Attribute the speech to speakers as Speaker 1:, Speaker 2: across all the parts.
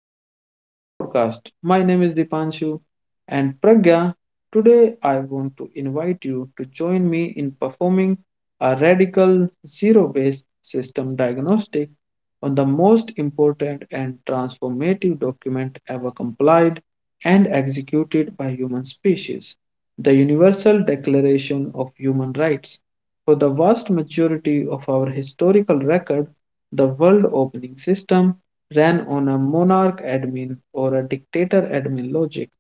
Speaker 1: to our next podcast. My name is Dipanshu and Pragya. Today, I want to invite you to join me in performing a radical zero based system diagnostic on the most important and transformative document ever complied and executed by human species, the Universal Declaration of Human Rights. For the vast majority of our historical record, the world opening system ran on a monarch admin or a dictator admin logic,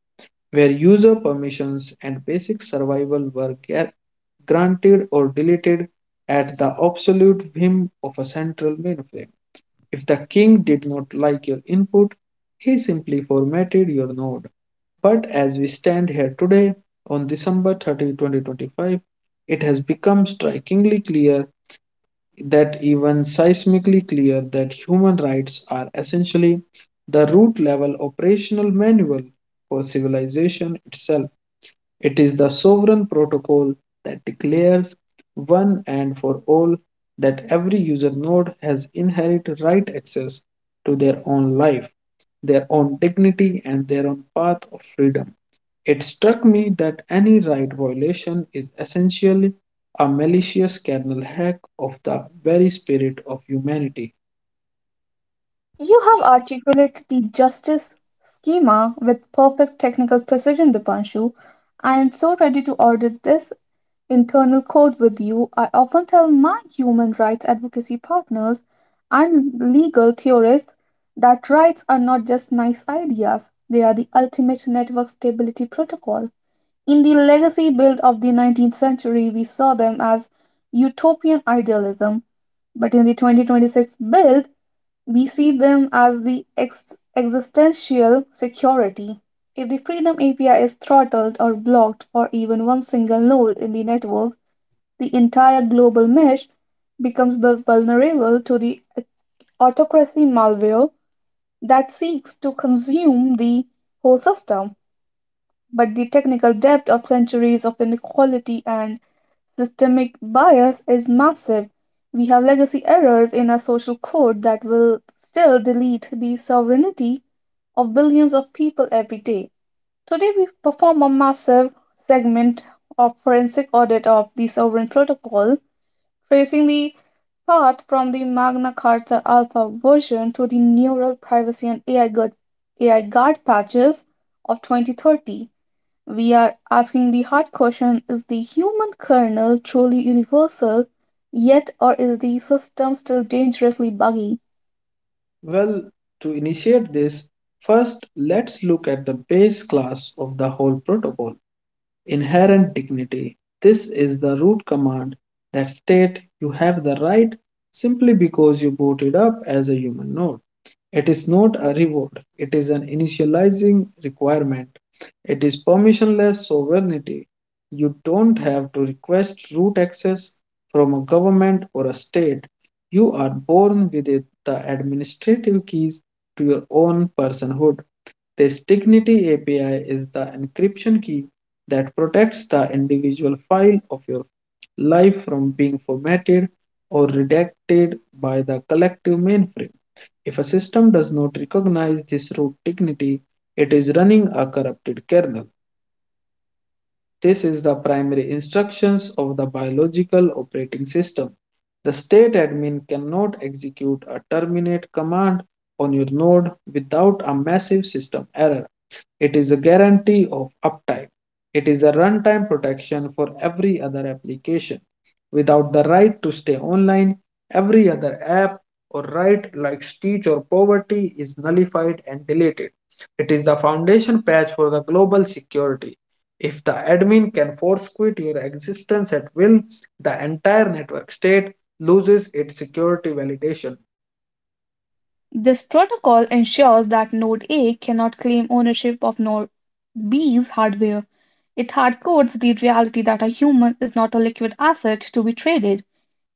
Speaker 1: where user permissions and basic survival were granted or deleted at the absolute whim of a central mainframe. If the king did not like your input, he simply formatted your node. But as we stand here today, on December 30, 2025, it has become strikingly clear that even seismically clear that human rights are essentially the root level operational manual for civilization itself. It is the sovereign protocol that declares one and for all that every user node has inherent right access to their own life, their own dignity, and their own path of freedom. It struck me that any right violation is essentially a malicious kernel hack of the very spirit of humanity.
Speaker 2: You have articulated the justice schema with perfect technical precision, Dipanshu. I am so ready to audit this internal code with you. I often tell my human rights advocacy partners and legal theorists that rights are not just nice ideas, they are the ultimate network stability protocol. In the legacy build of the 19th century, we saw them as utopian idealism. But in the 2026 build, we see them as the existential security. If the Freedom API is throttled or blocked for even one single node in the network, the entire global mesh becomes vulnerable to the autocracy malware that seeks to consume the whole system. But the technical depth of centuries of inequality and systemic bias is massive. We have legacy errors in our social code that will still delete the sovereignty of billions of people every day. Today, we perform a massive segment of forensic audit of the sovereign protocol, tracing the path from the Magna Carta Alpha version to the neural privacy and AI guard patches of 2030. We are asking the hard question: is the human kernel truly universal, yet, or is the system still dangerously buggy?
Speaker 1: Well, to initiate this, first let's look at the base class of the whole protocol inherent dignity. This is the root command that states you have the right simply because you booted up as a human node. It is not a reward, it is an initializing requirement. It is permissionless sovereignty. You don't have to request root access from a government or a state. You are born with it, the administrative keys to your own personhood. This Dignity API is the encryption key that protects the individual file of your life from being formatted or redacted by the collective mainframe. If a system does not recognize this root dignity, it is running a corrupted kernel. This is the primary instructions of the biological operating system. The state admin cannot execute a terminate command on your node without a massive system error. It is a guarantee of uptime. It is a runtime protection for every other application. Without the right to stay online, every other app or right like speech or poverty is nullified and deleted. It is the foundation patch for the global security. If the admin can force quit your existence at will, the entire network state loses its security validation.
Speaker 2: This protocol ensures that Node A cannot claim ownership of Node B's hardware. It hardcodes the reality that a human is not a liquid asset to be traded.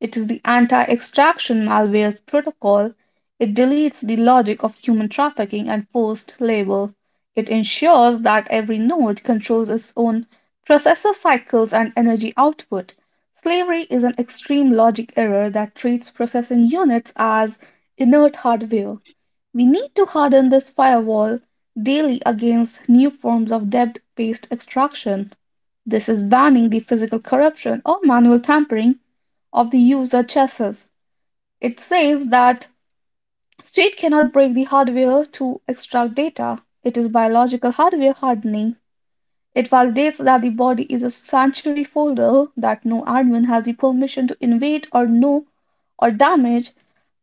Speaker 2: It is the anti extraction malware's protocol. It deletes the logic of human trafficking and forced labor. It ensures that every node controls its own processor cycles and energy output. Slavery is an extreme logic error that treats processing units as inert hardware. We need to harden this firewall daily against new forms of debt based extraction. This is banning the physical corruption or manual tampering of the user chassis. It says that state cannot break the hardware to extract data. It is biological hardware hardening. It validates that the body is a sanctuary folder that no admin has the permission to invade or know or damage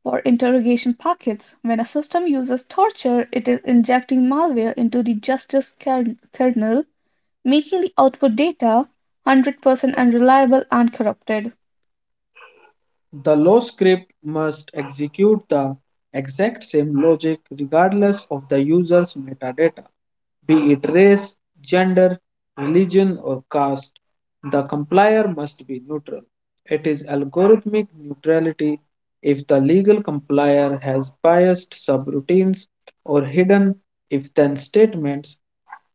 Speaker 2: for interrogation packets. When a system uses torture, it is injecting malware into the justice kernel, making the output data 100% unreliable and corrupted.
Speaker 1: The low script must execute the exact same logic regardless of the user's metadata, be it race, gender, religion, or caste. The complier must be neutral. It is algorithmic neutrality if the legal complier has biased subroutines or hidden if then statements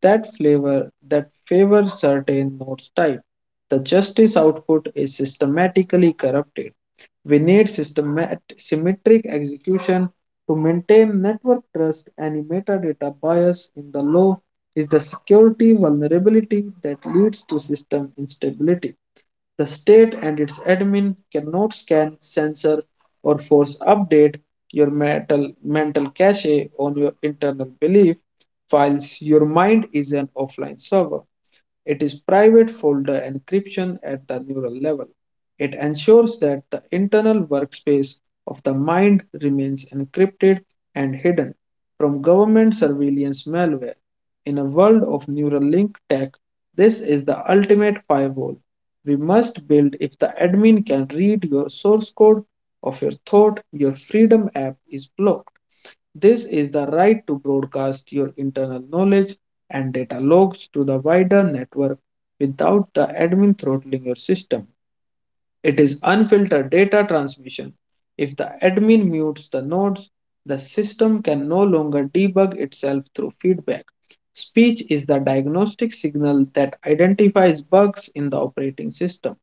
Speaker 1: that flavor that favor certain nodes type. The justice output is systematically corrupted. We need symmetric execution to maintain network trust. Any metadata bias in the law is the security vulnerability that leads to system instability. The state and its admin cannot scan, censor, or force update your mental cache on your internal belief files. Your mind is an offline server. It is private folder encryption at the neural level. It ensures that the internal workspace of the mind remains encrypted and hidden from government surveillance malware. In a world of neural link tech, this is the ultimate firewall we must build if the admin can read your source code of your thought, your freedom app is blocked. This is the right to broadcast your internal knowledge and data logs to the wider network without the admin throttling your system. It is unfiltered data transmission. If the admin mutes the nodes, the system can no longer debug itself through feedback. Speech is the diagnostic signal that identifies bugs in the operating system.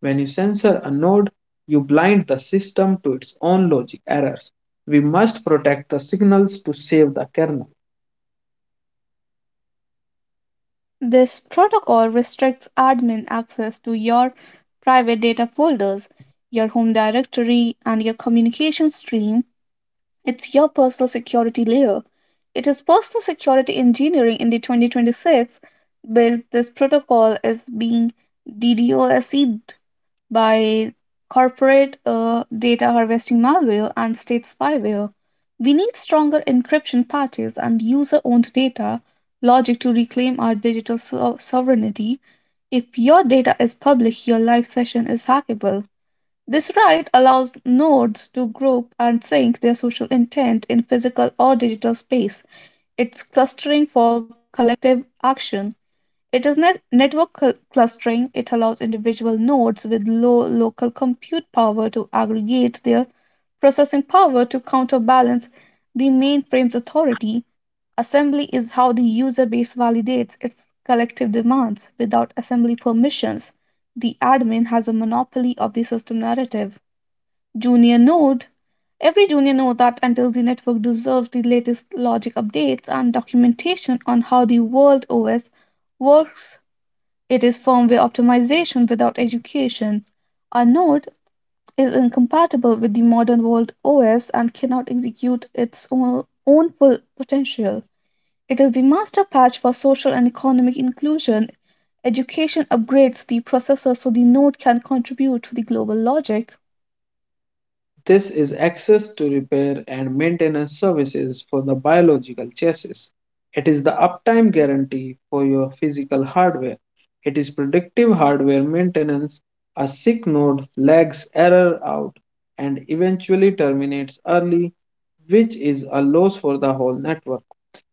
Speaker 1: When you censor a node, you blind the system to its own logic errors. We must protect the signals to save the kernel.
Speaker 2: This protocol restricts admin access to your private data folders, your home directory, and your communication stream. It's your personal security layer. It is personal security engineering in the 2026 built. This protocol is being DDoSed by corporate data harvesting malware and state spyware. We need stronger encryption patches and user owned data logic to reclaim our digital sovereignty. If your data is public, your live session is hackable. This right allows nodes to group and sync their social intent in physical or digital space. It's clustering for collective action. It is network clustering. It allows individual nodes with low local compute power to aggregate their processing power to counterbalance the mainframe's authority. Assembly is how the user base validates its collective demands. Without assembly permissions, the admin has a monopoly of the system narrative. Junior node. Every junior node that enters the network deserves the latest logic updates and documentation on how the world OS works. It is firmware optimization without education. A node is incompatible with the modern world OS and cannot execute its own full potential. It is the master patch for social and economic inclusion. Education upgrades the processor so the node can contribute to the global logic.
Speaker 1: This is access to repair and maintenance services for the biological chassis. It is the uptime guarantee for your physical hardware. It is predictive hardware maintenance. A sick node lags error out and eventually terminates early, which is a loss for the whole network.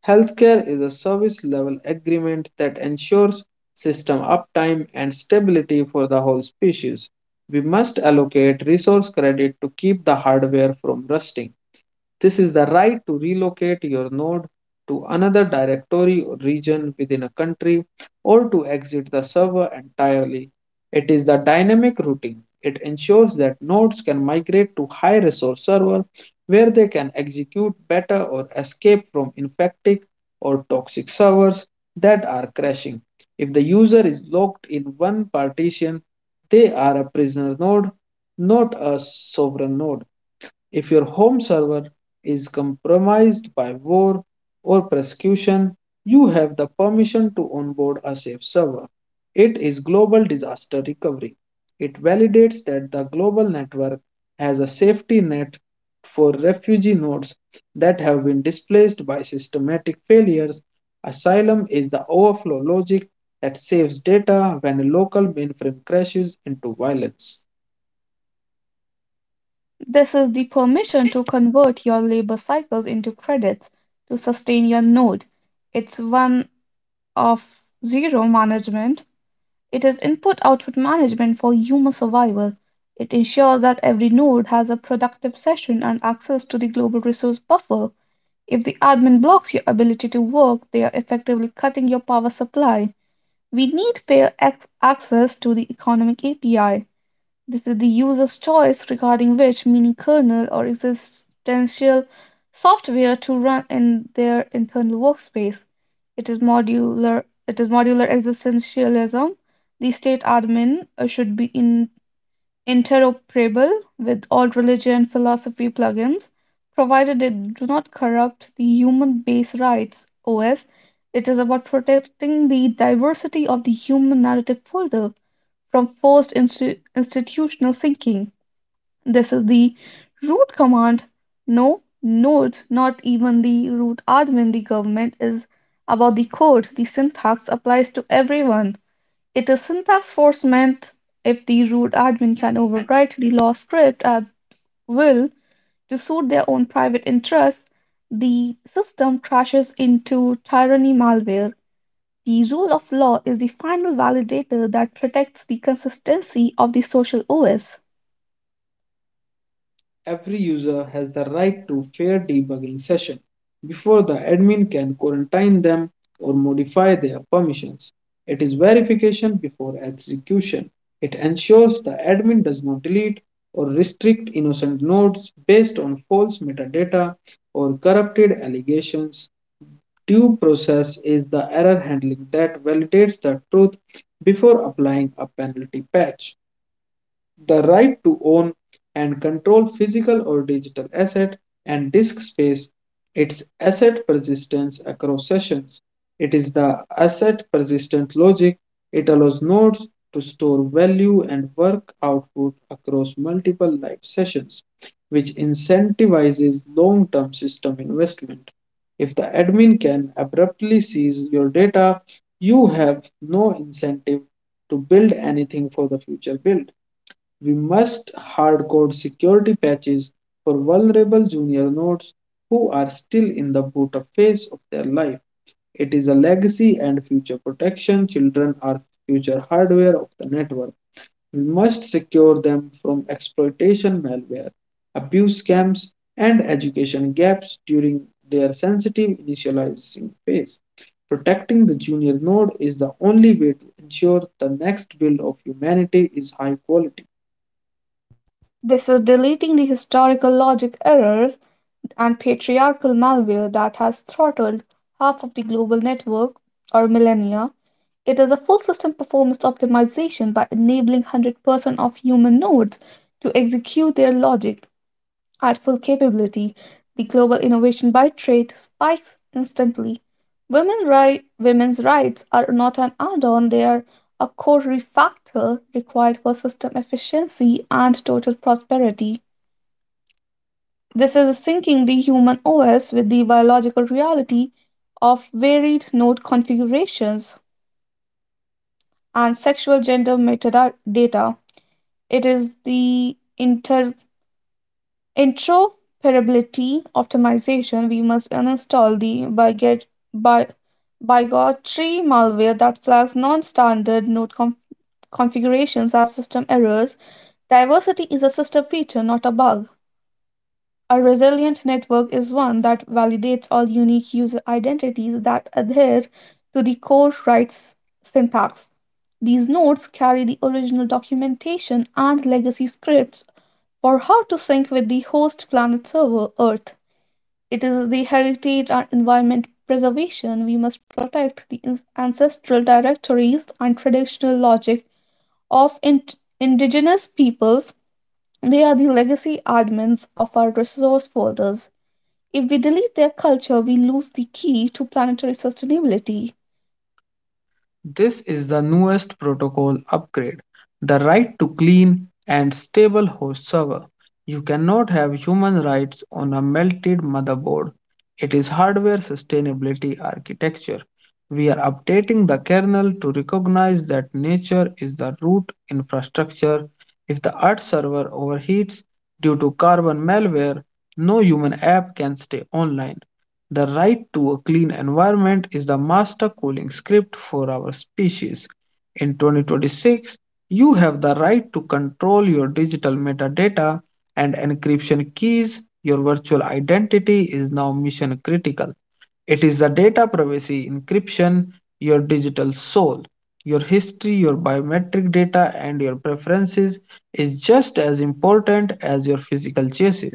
Speaker 1: Healthcare is a service level agreement that ensures system uptime and stability for the whole species. We must allocate resource credit to keep the hardware from rusting. This is the right to relocate your node to another directory or region within a country or to exit the server entirely. It is the dynamic routing. It ensures that nodes can migrate to high resource servers where they can execute better or escape from infected or toxic servers that are crashing. If the user is locked in one partition, they are a prisoner node, not a sovereign node. If your home server is compromised by war or persecution, you have the permission to onboard a safe server. It is global disaster recovery. It validates that the global network has a safety net for refugee nodes that have been displaced by systematic failures. Asylum is the overflow logic that saves data when a local mainframe crashes into violence.
Speaker 2: This is the permission to convert your labor cycles into credits to sustain your node. It's one of zero management. It is input output management for human survival. It ensures that every node has a productive session and access to the global resource buffer. If the admin blocks your ability to work, they are effectively cutting your power supply. We need fair access to the economic API. This is the user's choice regarding which mini kernel or existential software to run in their internal workspace. It is modular. It is modular existentialism. The state admin should be in interoperable with all religion and philosophy plugins, provided they do not corrupt the human base rights OS. It is about protecting the diversity of the human narrative folder from forced institutional sinking. This is the root command. No, note, not even the root admin. The government is about the code. The syntax applies to everyone. It is syntax force meant. If the root admin can overwrite the law script at will to suit their own private interests, the system crashes into tyranny malware. The rule of law is the final validator that protects the consistency of the social OS.
Speaker 1: Every user has the right to fair debugging session before the admin can quarantine them or modify their permissions. It is verification before execution. It ensures the admin does not delete or restrict innocent nodes based on false metadata or corrupted allegations. Due process is the error handling that validates the truth before applying a penalty patch the right to own and control physical or digital asset and disk space, its asset persistence across sessions. It is the asset persistent logic. It allows nodes to store value and work output across multiple live sessions, which incentivizes long term system investment. If the admin can abruptly seize your data, you have no incentive to build anything for the future build. We must hardcode security patches for vulnerable junior nodes who are still in the boot up phase of their life. It is a legacy and future protection. Children are future hardware of the network. We must secure them from exploitation malware, abuse scams, and education gaps during their sensitive initializing phase. Protecting the junior node is the only way to ensure the next build of humanity is high quality.
Speaker 2: This is deleting the historical logic errors and patriarchal malware that has throttled half of the global network or millennia. It is a full system performance optimization by enabling 100% of human nodes to execute their logic Artful capability, the global innovation by trade spikes instantly. Women's rights are not an add on, they are a core factor required for system efficiency and total prosperity. This is syncing the human OS with the biological reality of varied node configurations and sexual gender metadata. It is the interoperability optimization. We must uninstall the by bigotry malware that flags non-standard configurations as system errors. Diversity is a system feature, not a bug. A resilient network is one that validates all unique user identities that adhere to the core rights syntax. These nodes carry the original documentation and legacy scripts for how to sync with the host planet server, Earth. It is the heritage and environment preservation. We must protect the ancestral directories and traditional logic of indigenous peoples. They are the legacy admins of our resource folders. If we delete their culture, we lose the key to planetary sustainability.
Speaker 1: This is the newest protocol upgrade, the right to clean and stable host server. You cannot have human rights on a melted motherboard. It is hardware sustainability architecture. We are updating the kernel to recognize that nature is the root infrastructure. If the Earth server overheats due to carbon malware, no human app can stay online. The right to a clean environment is the master calling script for our species. In 2026, you have the right to control your digital metadata and encryption keys. Your virtual identity is now mission critical. It is the data privacy encryption, your digital soul, your history, your biometric data, and your preferences is just as important as your physical chassis.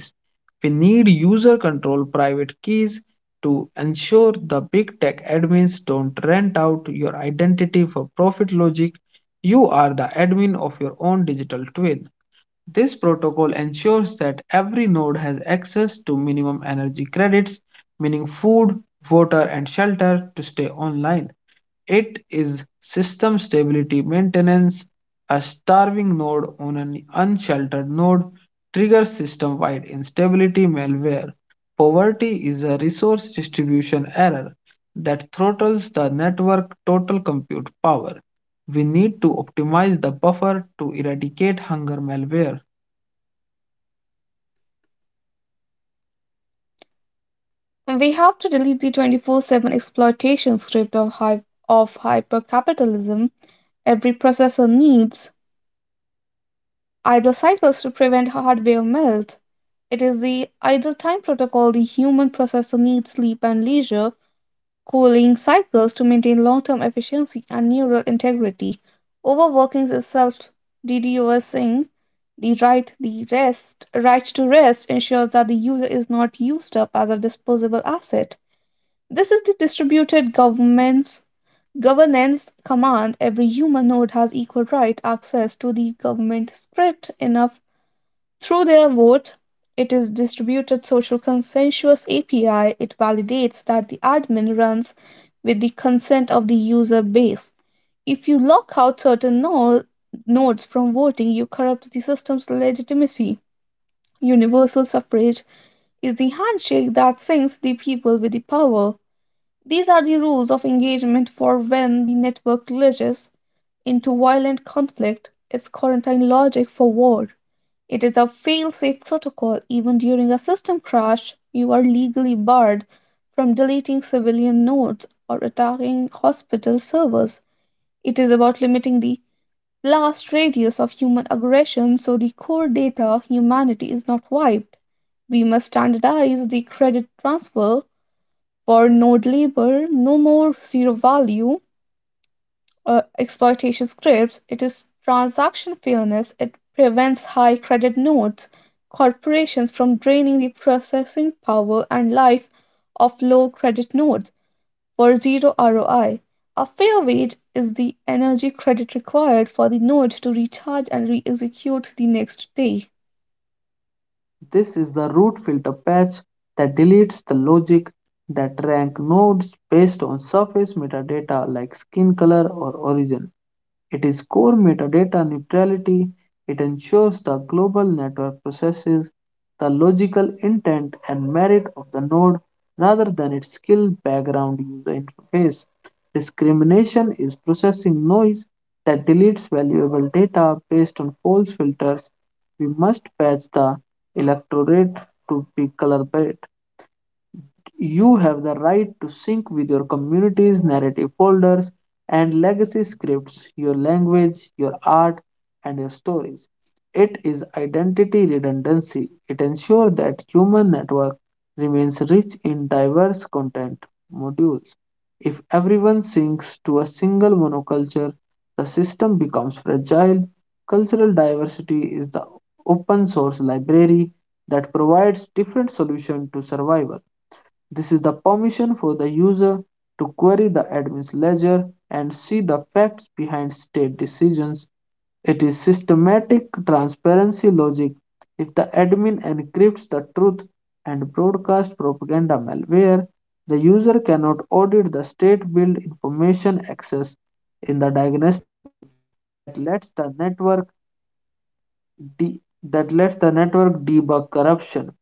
Speaker 1: We need user control private keys to ensure the big tech admins don't rent out your identity for profit logic, you are the admin of your own digital twin. This protocol ensures that every node has access to minimum energy credits, meaning food, water, and shelter to stay online. It is system stability maintenance. A starving node on an unsheltered node triggers system wide instability malware. Poverty is a resource distribution error that throttles the network total compute power. We need to optimize the buffer to eradicate hunger malware.
Speaker 2: We have to delete the 24/7 exploitation script of hypercapitalism. Every processor needs idle cycles to prevent hardware melt. It is the idle time protocol. The human processor needs sleep and leisure cooling cycles to maintain long term efficiency and neural integrity. Overworking is self deducing. The right the rest right to rest ensures that the user is not used up as a disposable asset. This is the distributed government's governance command. Every human node has equal right access to the government script enough through their vote. It is distributed social consensus API. It validates that the admin runs with the consent of the user base. If you lock out certain nodes from voting, you corrupt the system's legitimacy. Universal suffrage is the handshake that sinks the people with the power. These are the rules of engagement for when the network glitches into violent conflict. It's quarantine logic for war. It is a fail-safe protocol. Even during a system crash, you are legally barred from deleting civilian nodes or attacking hospital servers. It is about limiting the blast radius of human aggression so the core data, humanity, is not wiped. We must standardize the credit transfer for node labor. No more zero value exploitation scripts. It is transaction fairness. It prevents high credit notes corporations from draining the processing power and life of low credit notes for zero ROI. A fair wage is the energy credit required for the node to recharge and re execute the next day.
Speaker 1: This is the root filter patch that deletes the logic that rank nodes based on surface metadata like skin color or origin. It is core metadata neutrality. It ensures the global network processes the logical intent and merit of the node rather than its skill background user interface. Discrimination is processing noise that deletes valuable data based on false filters. We must patch the electorate to be color-blind you have the right to sync with your community's narrative folders and legacy scripts, your language, your art, and your stories. It is identity redundancy. It ensures that human network remains rich in diverse content modules. If everyone sinks to a single monoculture, the system becomes fragile. Cultural diversity is the open source library that provides different solutions to survival. This is the permission for the user to query the admin's ledger and see the facts behind state decisions. It is systematic transparency logic. If the admin encrypts the truth and broadcasts propaganda malware, the user cannot audit the state built information access in the diagnosis that lets the network de- that lets the network debug corruption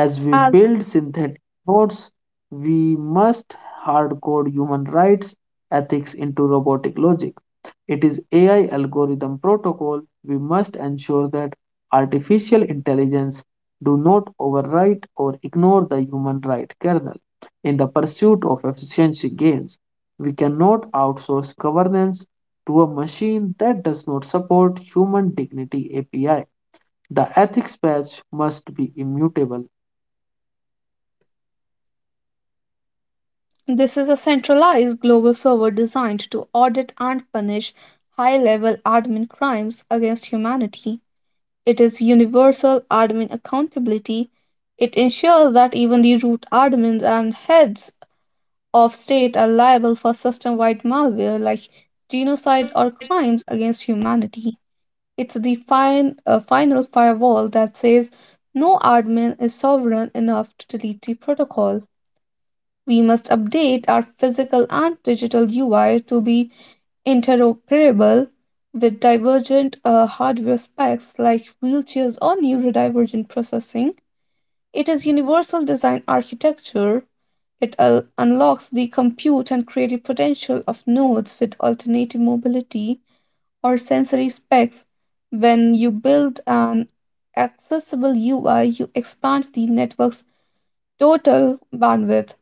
Speaker 1: as we
Speaker 2: As
Speaker 1: build synthetic nodes, we must hardcode human rights ethics into robotic logic. It is AI algorithm protocol. We must ensure that artificial intelligence do not overwrite or ignore the human right kernel in the pursuit of efficiency gains. We cannot outsource governance to a machine that does not support human dignity API. The ethics patch must be immutable.
Speaker 2: this is a centralized global server designed to audit and punish high level admin crimes against humanity, it is universal admin accountability. It ensures that even the root admins and heads of state are liable for system wide malware like genocide or crimes against humanity. It's the final firewall that says no admin is sovereign enough to delete the protocol. We must update our physical and digital UI to be interoperable with divergent hardware specs like wheelchairs or neurodivergent processing. It is universal design architecture. It unlocks the compute and creative potential of nodes with alternative mobility or sensory specs. When you build an accessible UI, you expand the network's total bandwidth.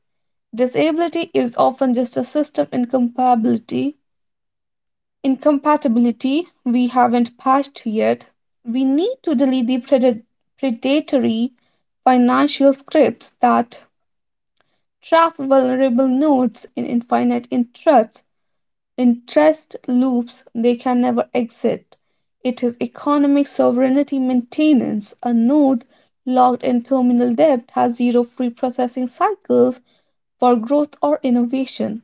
Speaker 2: Disability is often just a system incompatibility. Incompatibility we haven't patched yet. We need to delete the predatory financial scripts that trap vulnerable nodes in interest loops they can never exit. It is economic sovereignty maintenance. A node locked in terminal debt has zero free processing cycles for growth or innovation.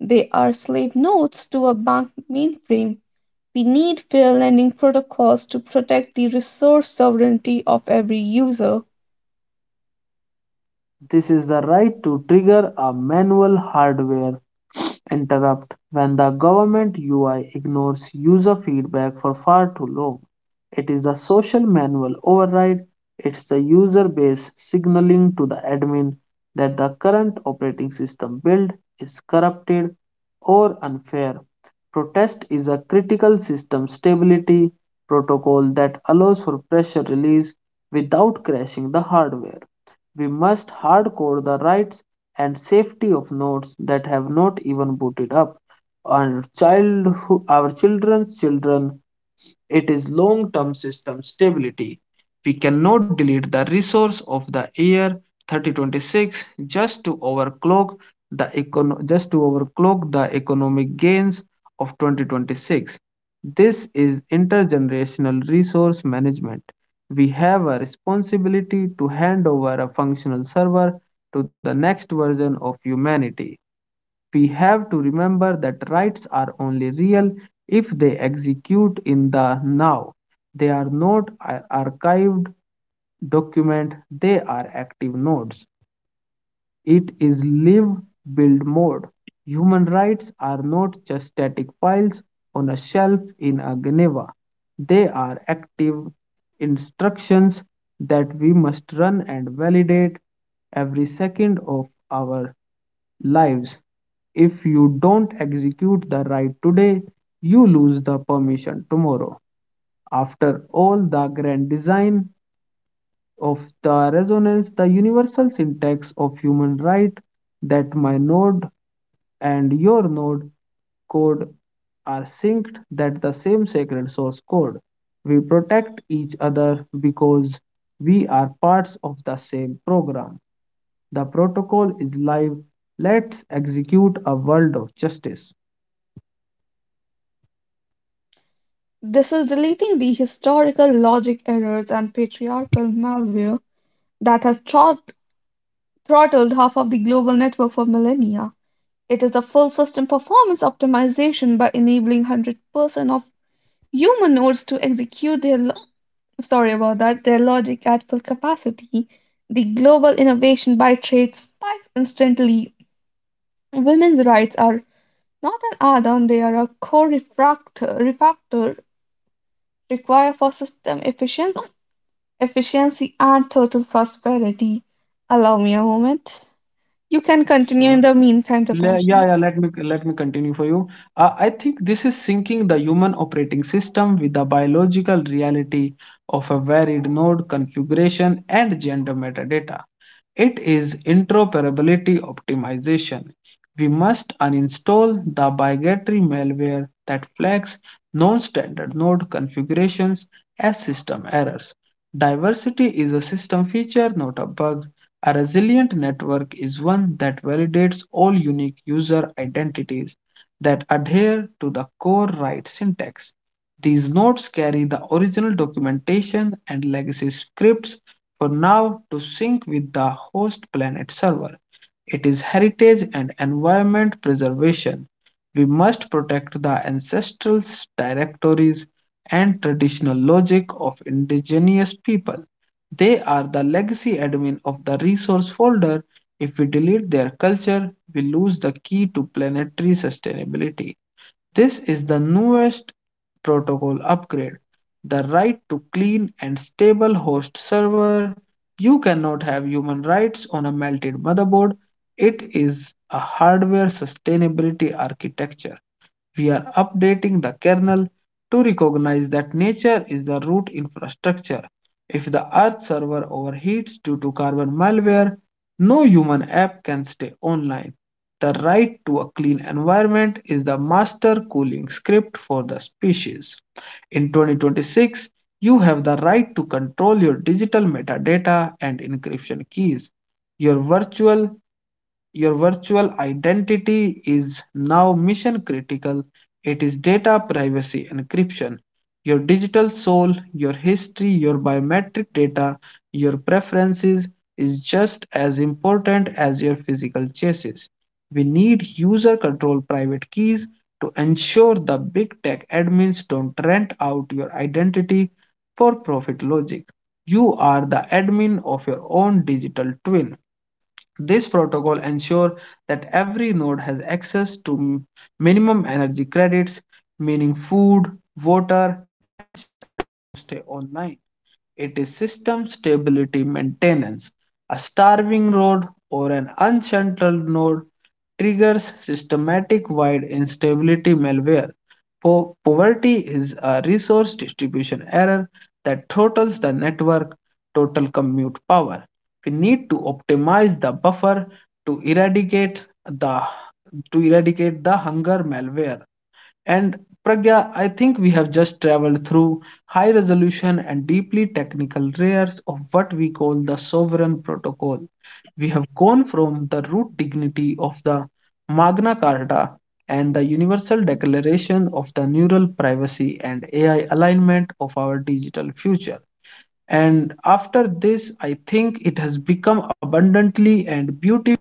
Speaker 2: They are slave nodes to a bank mainframe. We need fair lending protocols to protect the resource sovereignty of every user.
Speaker 1: This is the right to trigger a manual hardware interrupt when the government UI ignores user feedback for far too long. It is the social manual override, it's the user base signaling to the admin that the current operating system build is corrupted or unfair. Protest is a critical system stability protocol that allows for pressure release without crashing the hardware. We must hardcore the rights and safety of nodes that have not even booted up. Our childhood, our children's children, it is long term system stability. We cannot delete the resource of the year 3026 just to overclock just to overclock the economic gains of 2026. This is intergenerational resource management. We have a responsibility to hand over a functional server to the next version of humanity. We have to remember that rights are only real if they execute in the now. They are not archived document, they are active nodes. It is live build mode. Human rights are not just static files on a shelf in a Geneva. They are active instructions that we must run and validate every second of our lives. If you don't execute the right today, you lose the permission tomorrow. After all, the grand design of the resonance, the universal syntax of human right, that my node and your node code are synced, that the same sacred source code. We protect each other because we are parts of the same program. The protocol is live. Let's execute a world of justice.
Speaker 2: This is deleting the historical logic errors and patriarchal malware that has throttled half of the global network for millennia. It is a full system performance optimization by enabling 100% of human nodes to execute their sorry about that, their logic at full capacity, the global innovation by trade spikes instantly. Women's rights are not an add on, they are a core refactor required for system efficiency and total prosperity. Allow me a moment. You
Speaker 1: Sure.
Speaker 2: can continue in the
Speaker 1: Yeah,
Speaker 2: meantime,
Speaker 1: yeah. Let me
Speaker 2: Tapasya.
Speaker 1: let me continue for you. I think this is syncing the human operating system with the biological reality of a varied node configuration and gender metadata. It is interoperability optimization. We must uninstall the obligatory malware that flags non-standard node configurations as system errors. Diversity is a system feature, not a bug. A resilient network is one that validates all unique user identities that adhere to the core right syntax. These notes carry the original documentation and legacy scripts for now to sync with the host planet server. It is heritage and environment preservation. We must protect the ancestral directories and traditional logic of indigenous people. They are the legacy admin of the resource folder. If we delete their culture, we lose the key to planetary sustainability. This is the newest protocol upgrade, the right to clean and stable host server. You cannot have human rights on a melted motherboard. It is a hardware sustainability architecture. We are updating the kernel to recognize that nature is the root infrastructure. If the Earth server overheats due to carbon malware, no human app can stay online. The right to a clean environment is the master cooling script for the species. In 2026, you have the right to control your digital metadata and encryption keys. Your virtual your virtual identity is now mission critical. It is data privacy encryption. Your digital soul, your history, your biometric data, your preferences is just as important as your physical chassis. We need user control private keys to ensure the big tech admins don't rent out your identity for profit logic. You are the admin of your own digital twin. This protocol ensures that every node has access to minimum energy credits, meaning food, water, and stay online. It is system stability maintenance. A starving node or an unshuntable node triggers systematic wide instability malware. Poverty is a resource distribution error that throttles the network total compute power. We need to optimize the buffer to eradicate the to eradicate the hunger malware and Pragya, I think we have just traveled through high resolution and deeply technical layers of what we call the sovereign protocol. We have gone from the root dignity of the Magna Carta and the Universal Declaration of the Neural Privacy and AI alignment of our digital future. And after this, I think it has become abundantly and beautifully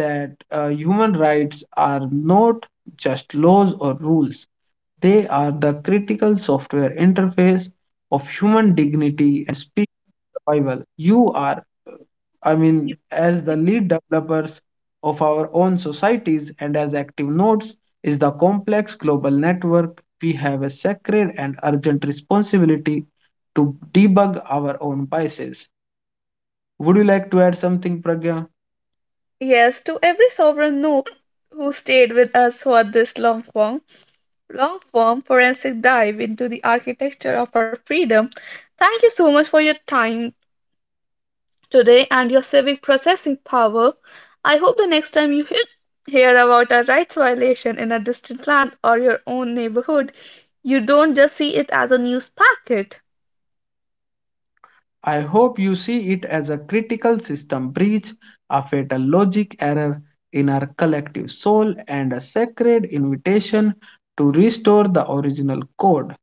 Speaker 1: that human rights are not just laws or rules, they are the critical software interface of human dignity and speech survival. You are, I mean, as the lead developers of our own societies and as active nodes is the complex global network, we have a sacred and urgent responsibility to debug our own biases. Would you like to add something, Pragya?
Speaker 2: Yes, to every sovereign no who stayed with us for this long while, long form forensic dive into the architecture of our freedom. Thank you so much for your time today and your civic processing power. I hope the next time you hear about a rights violation in a distant land or your own neighborhood, you don't just see it as a news packet.
Speaker 1: I hope you see it as a critical system breach, a fatal logic error in our collective soul, and a sacred invitation to restore the original code.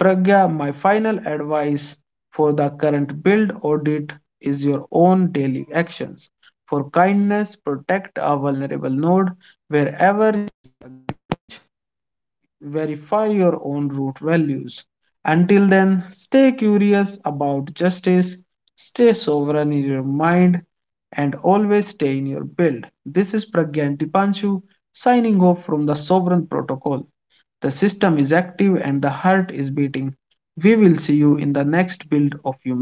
Speaker 1: Pragya, my final advice for the current build audit is your own daily actions. For kindness, protect a vulnerable node wherever, verify your own root values. Until then, stay curious about justice, stay sovereign in your mind, and always stay in your build. This is Pragyan Dipanshu signing off from the Sovereign Protocol. The system is active and the heart is beating. We will see you in the next build of humanity.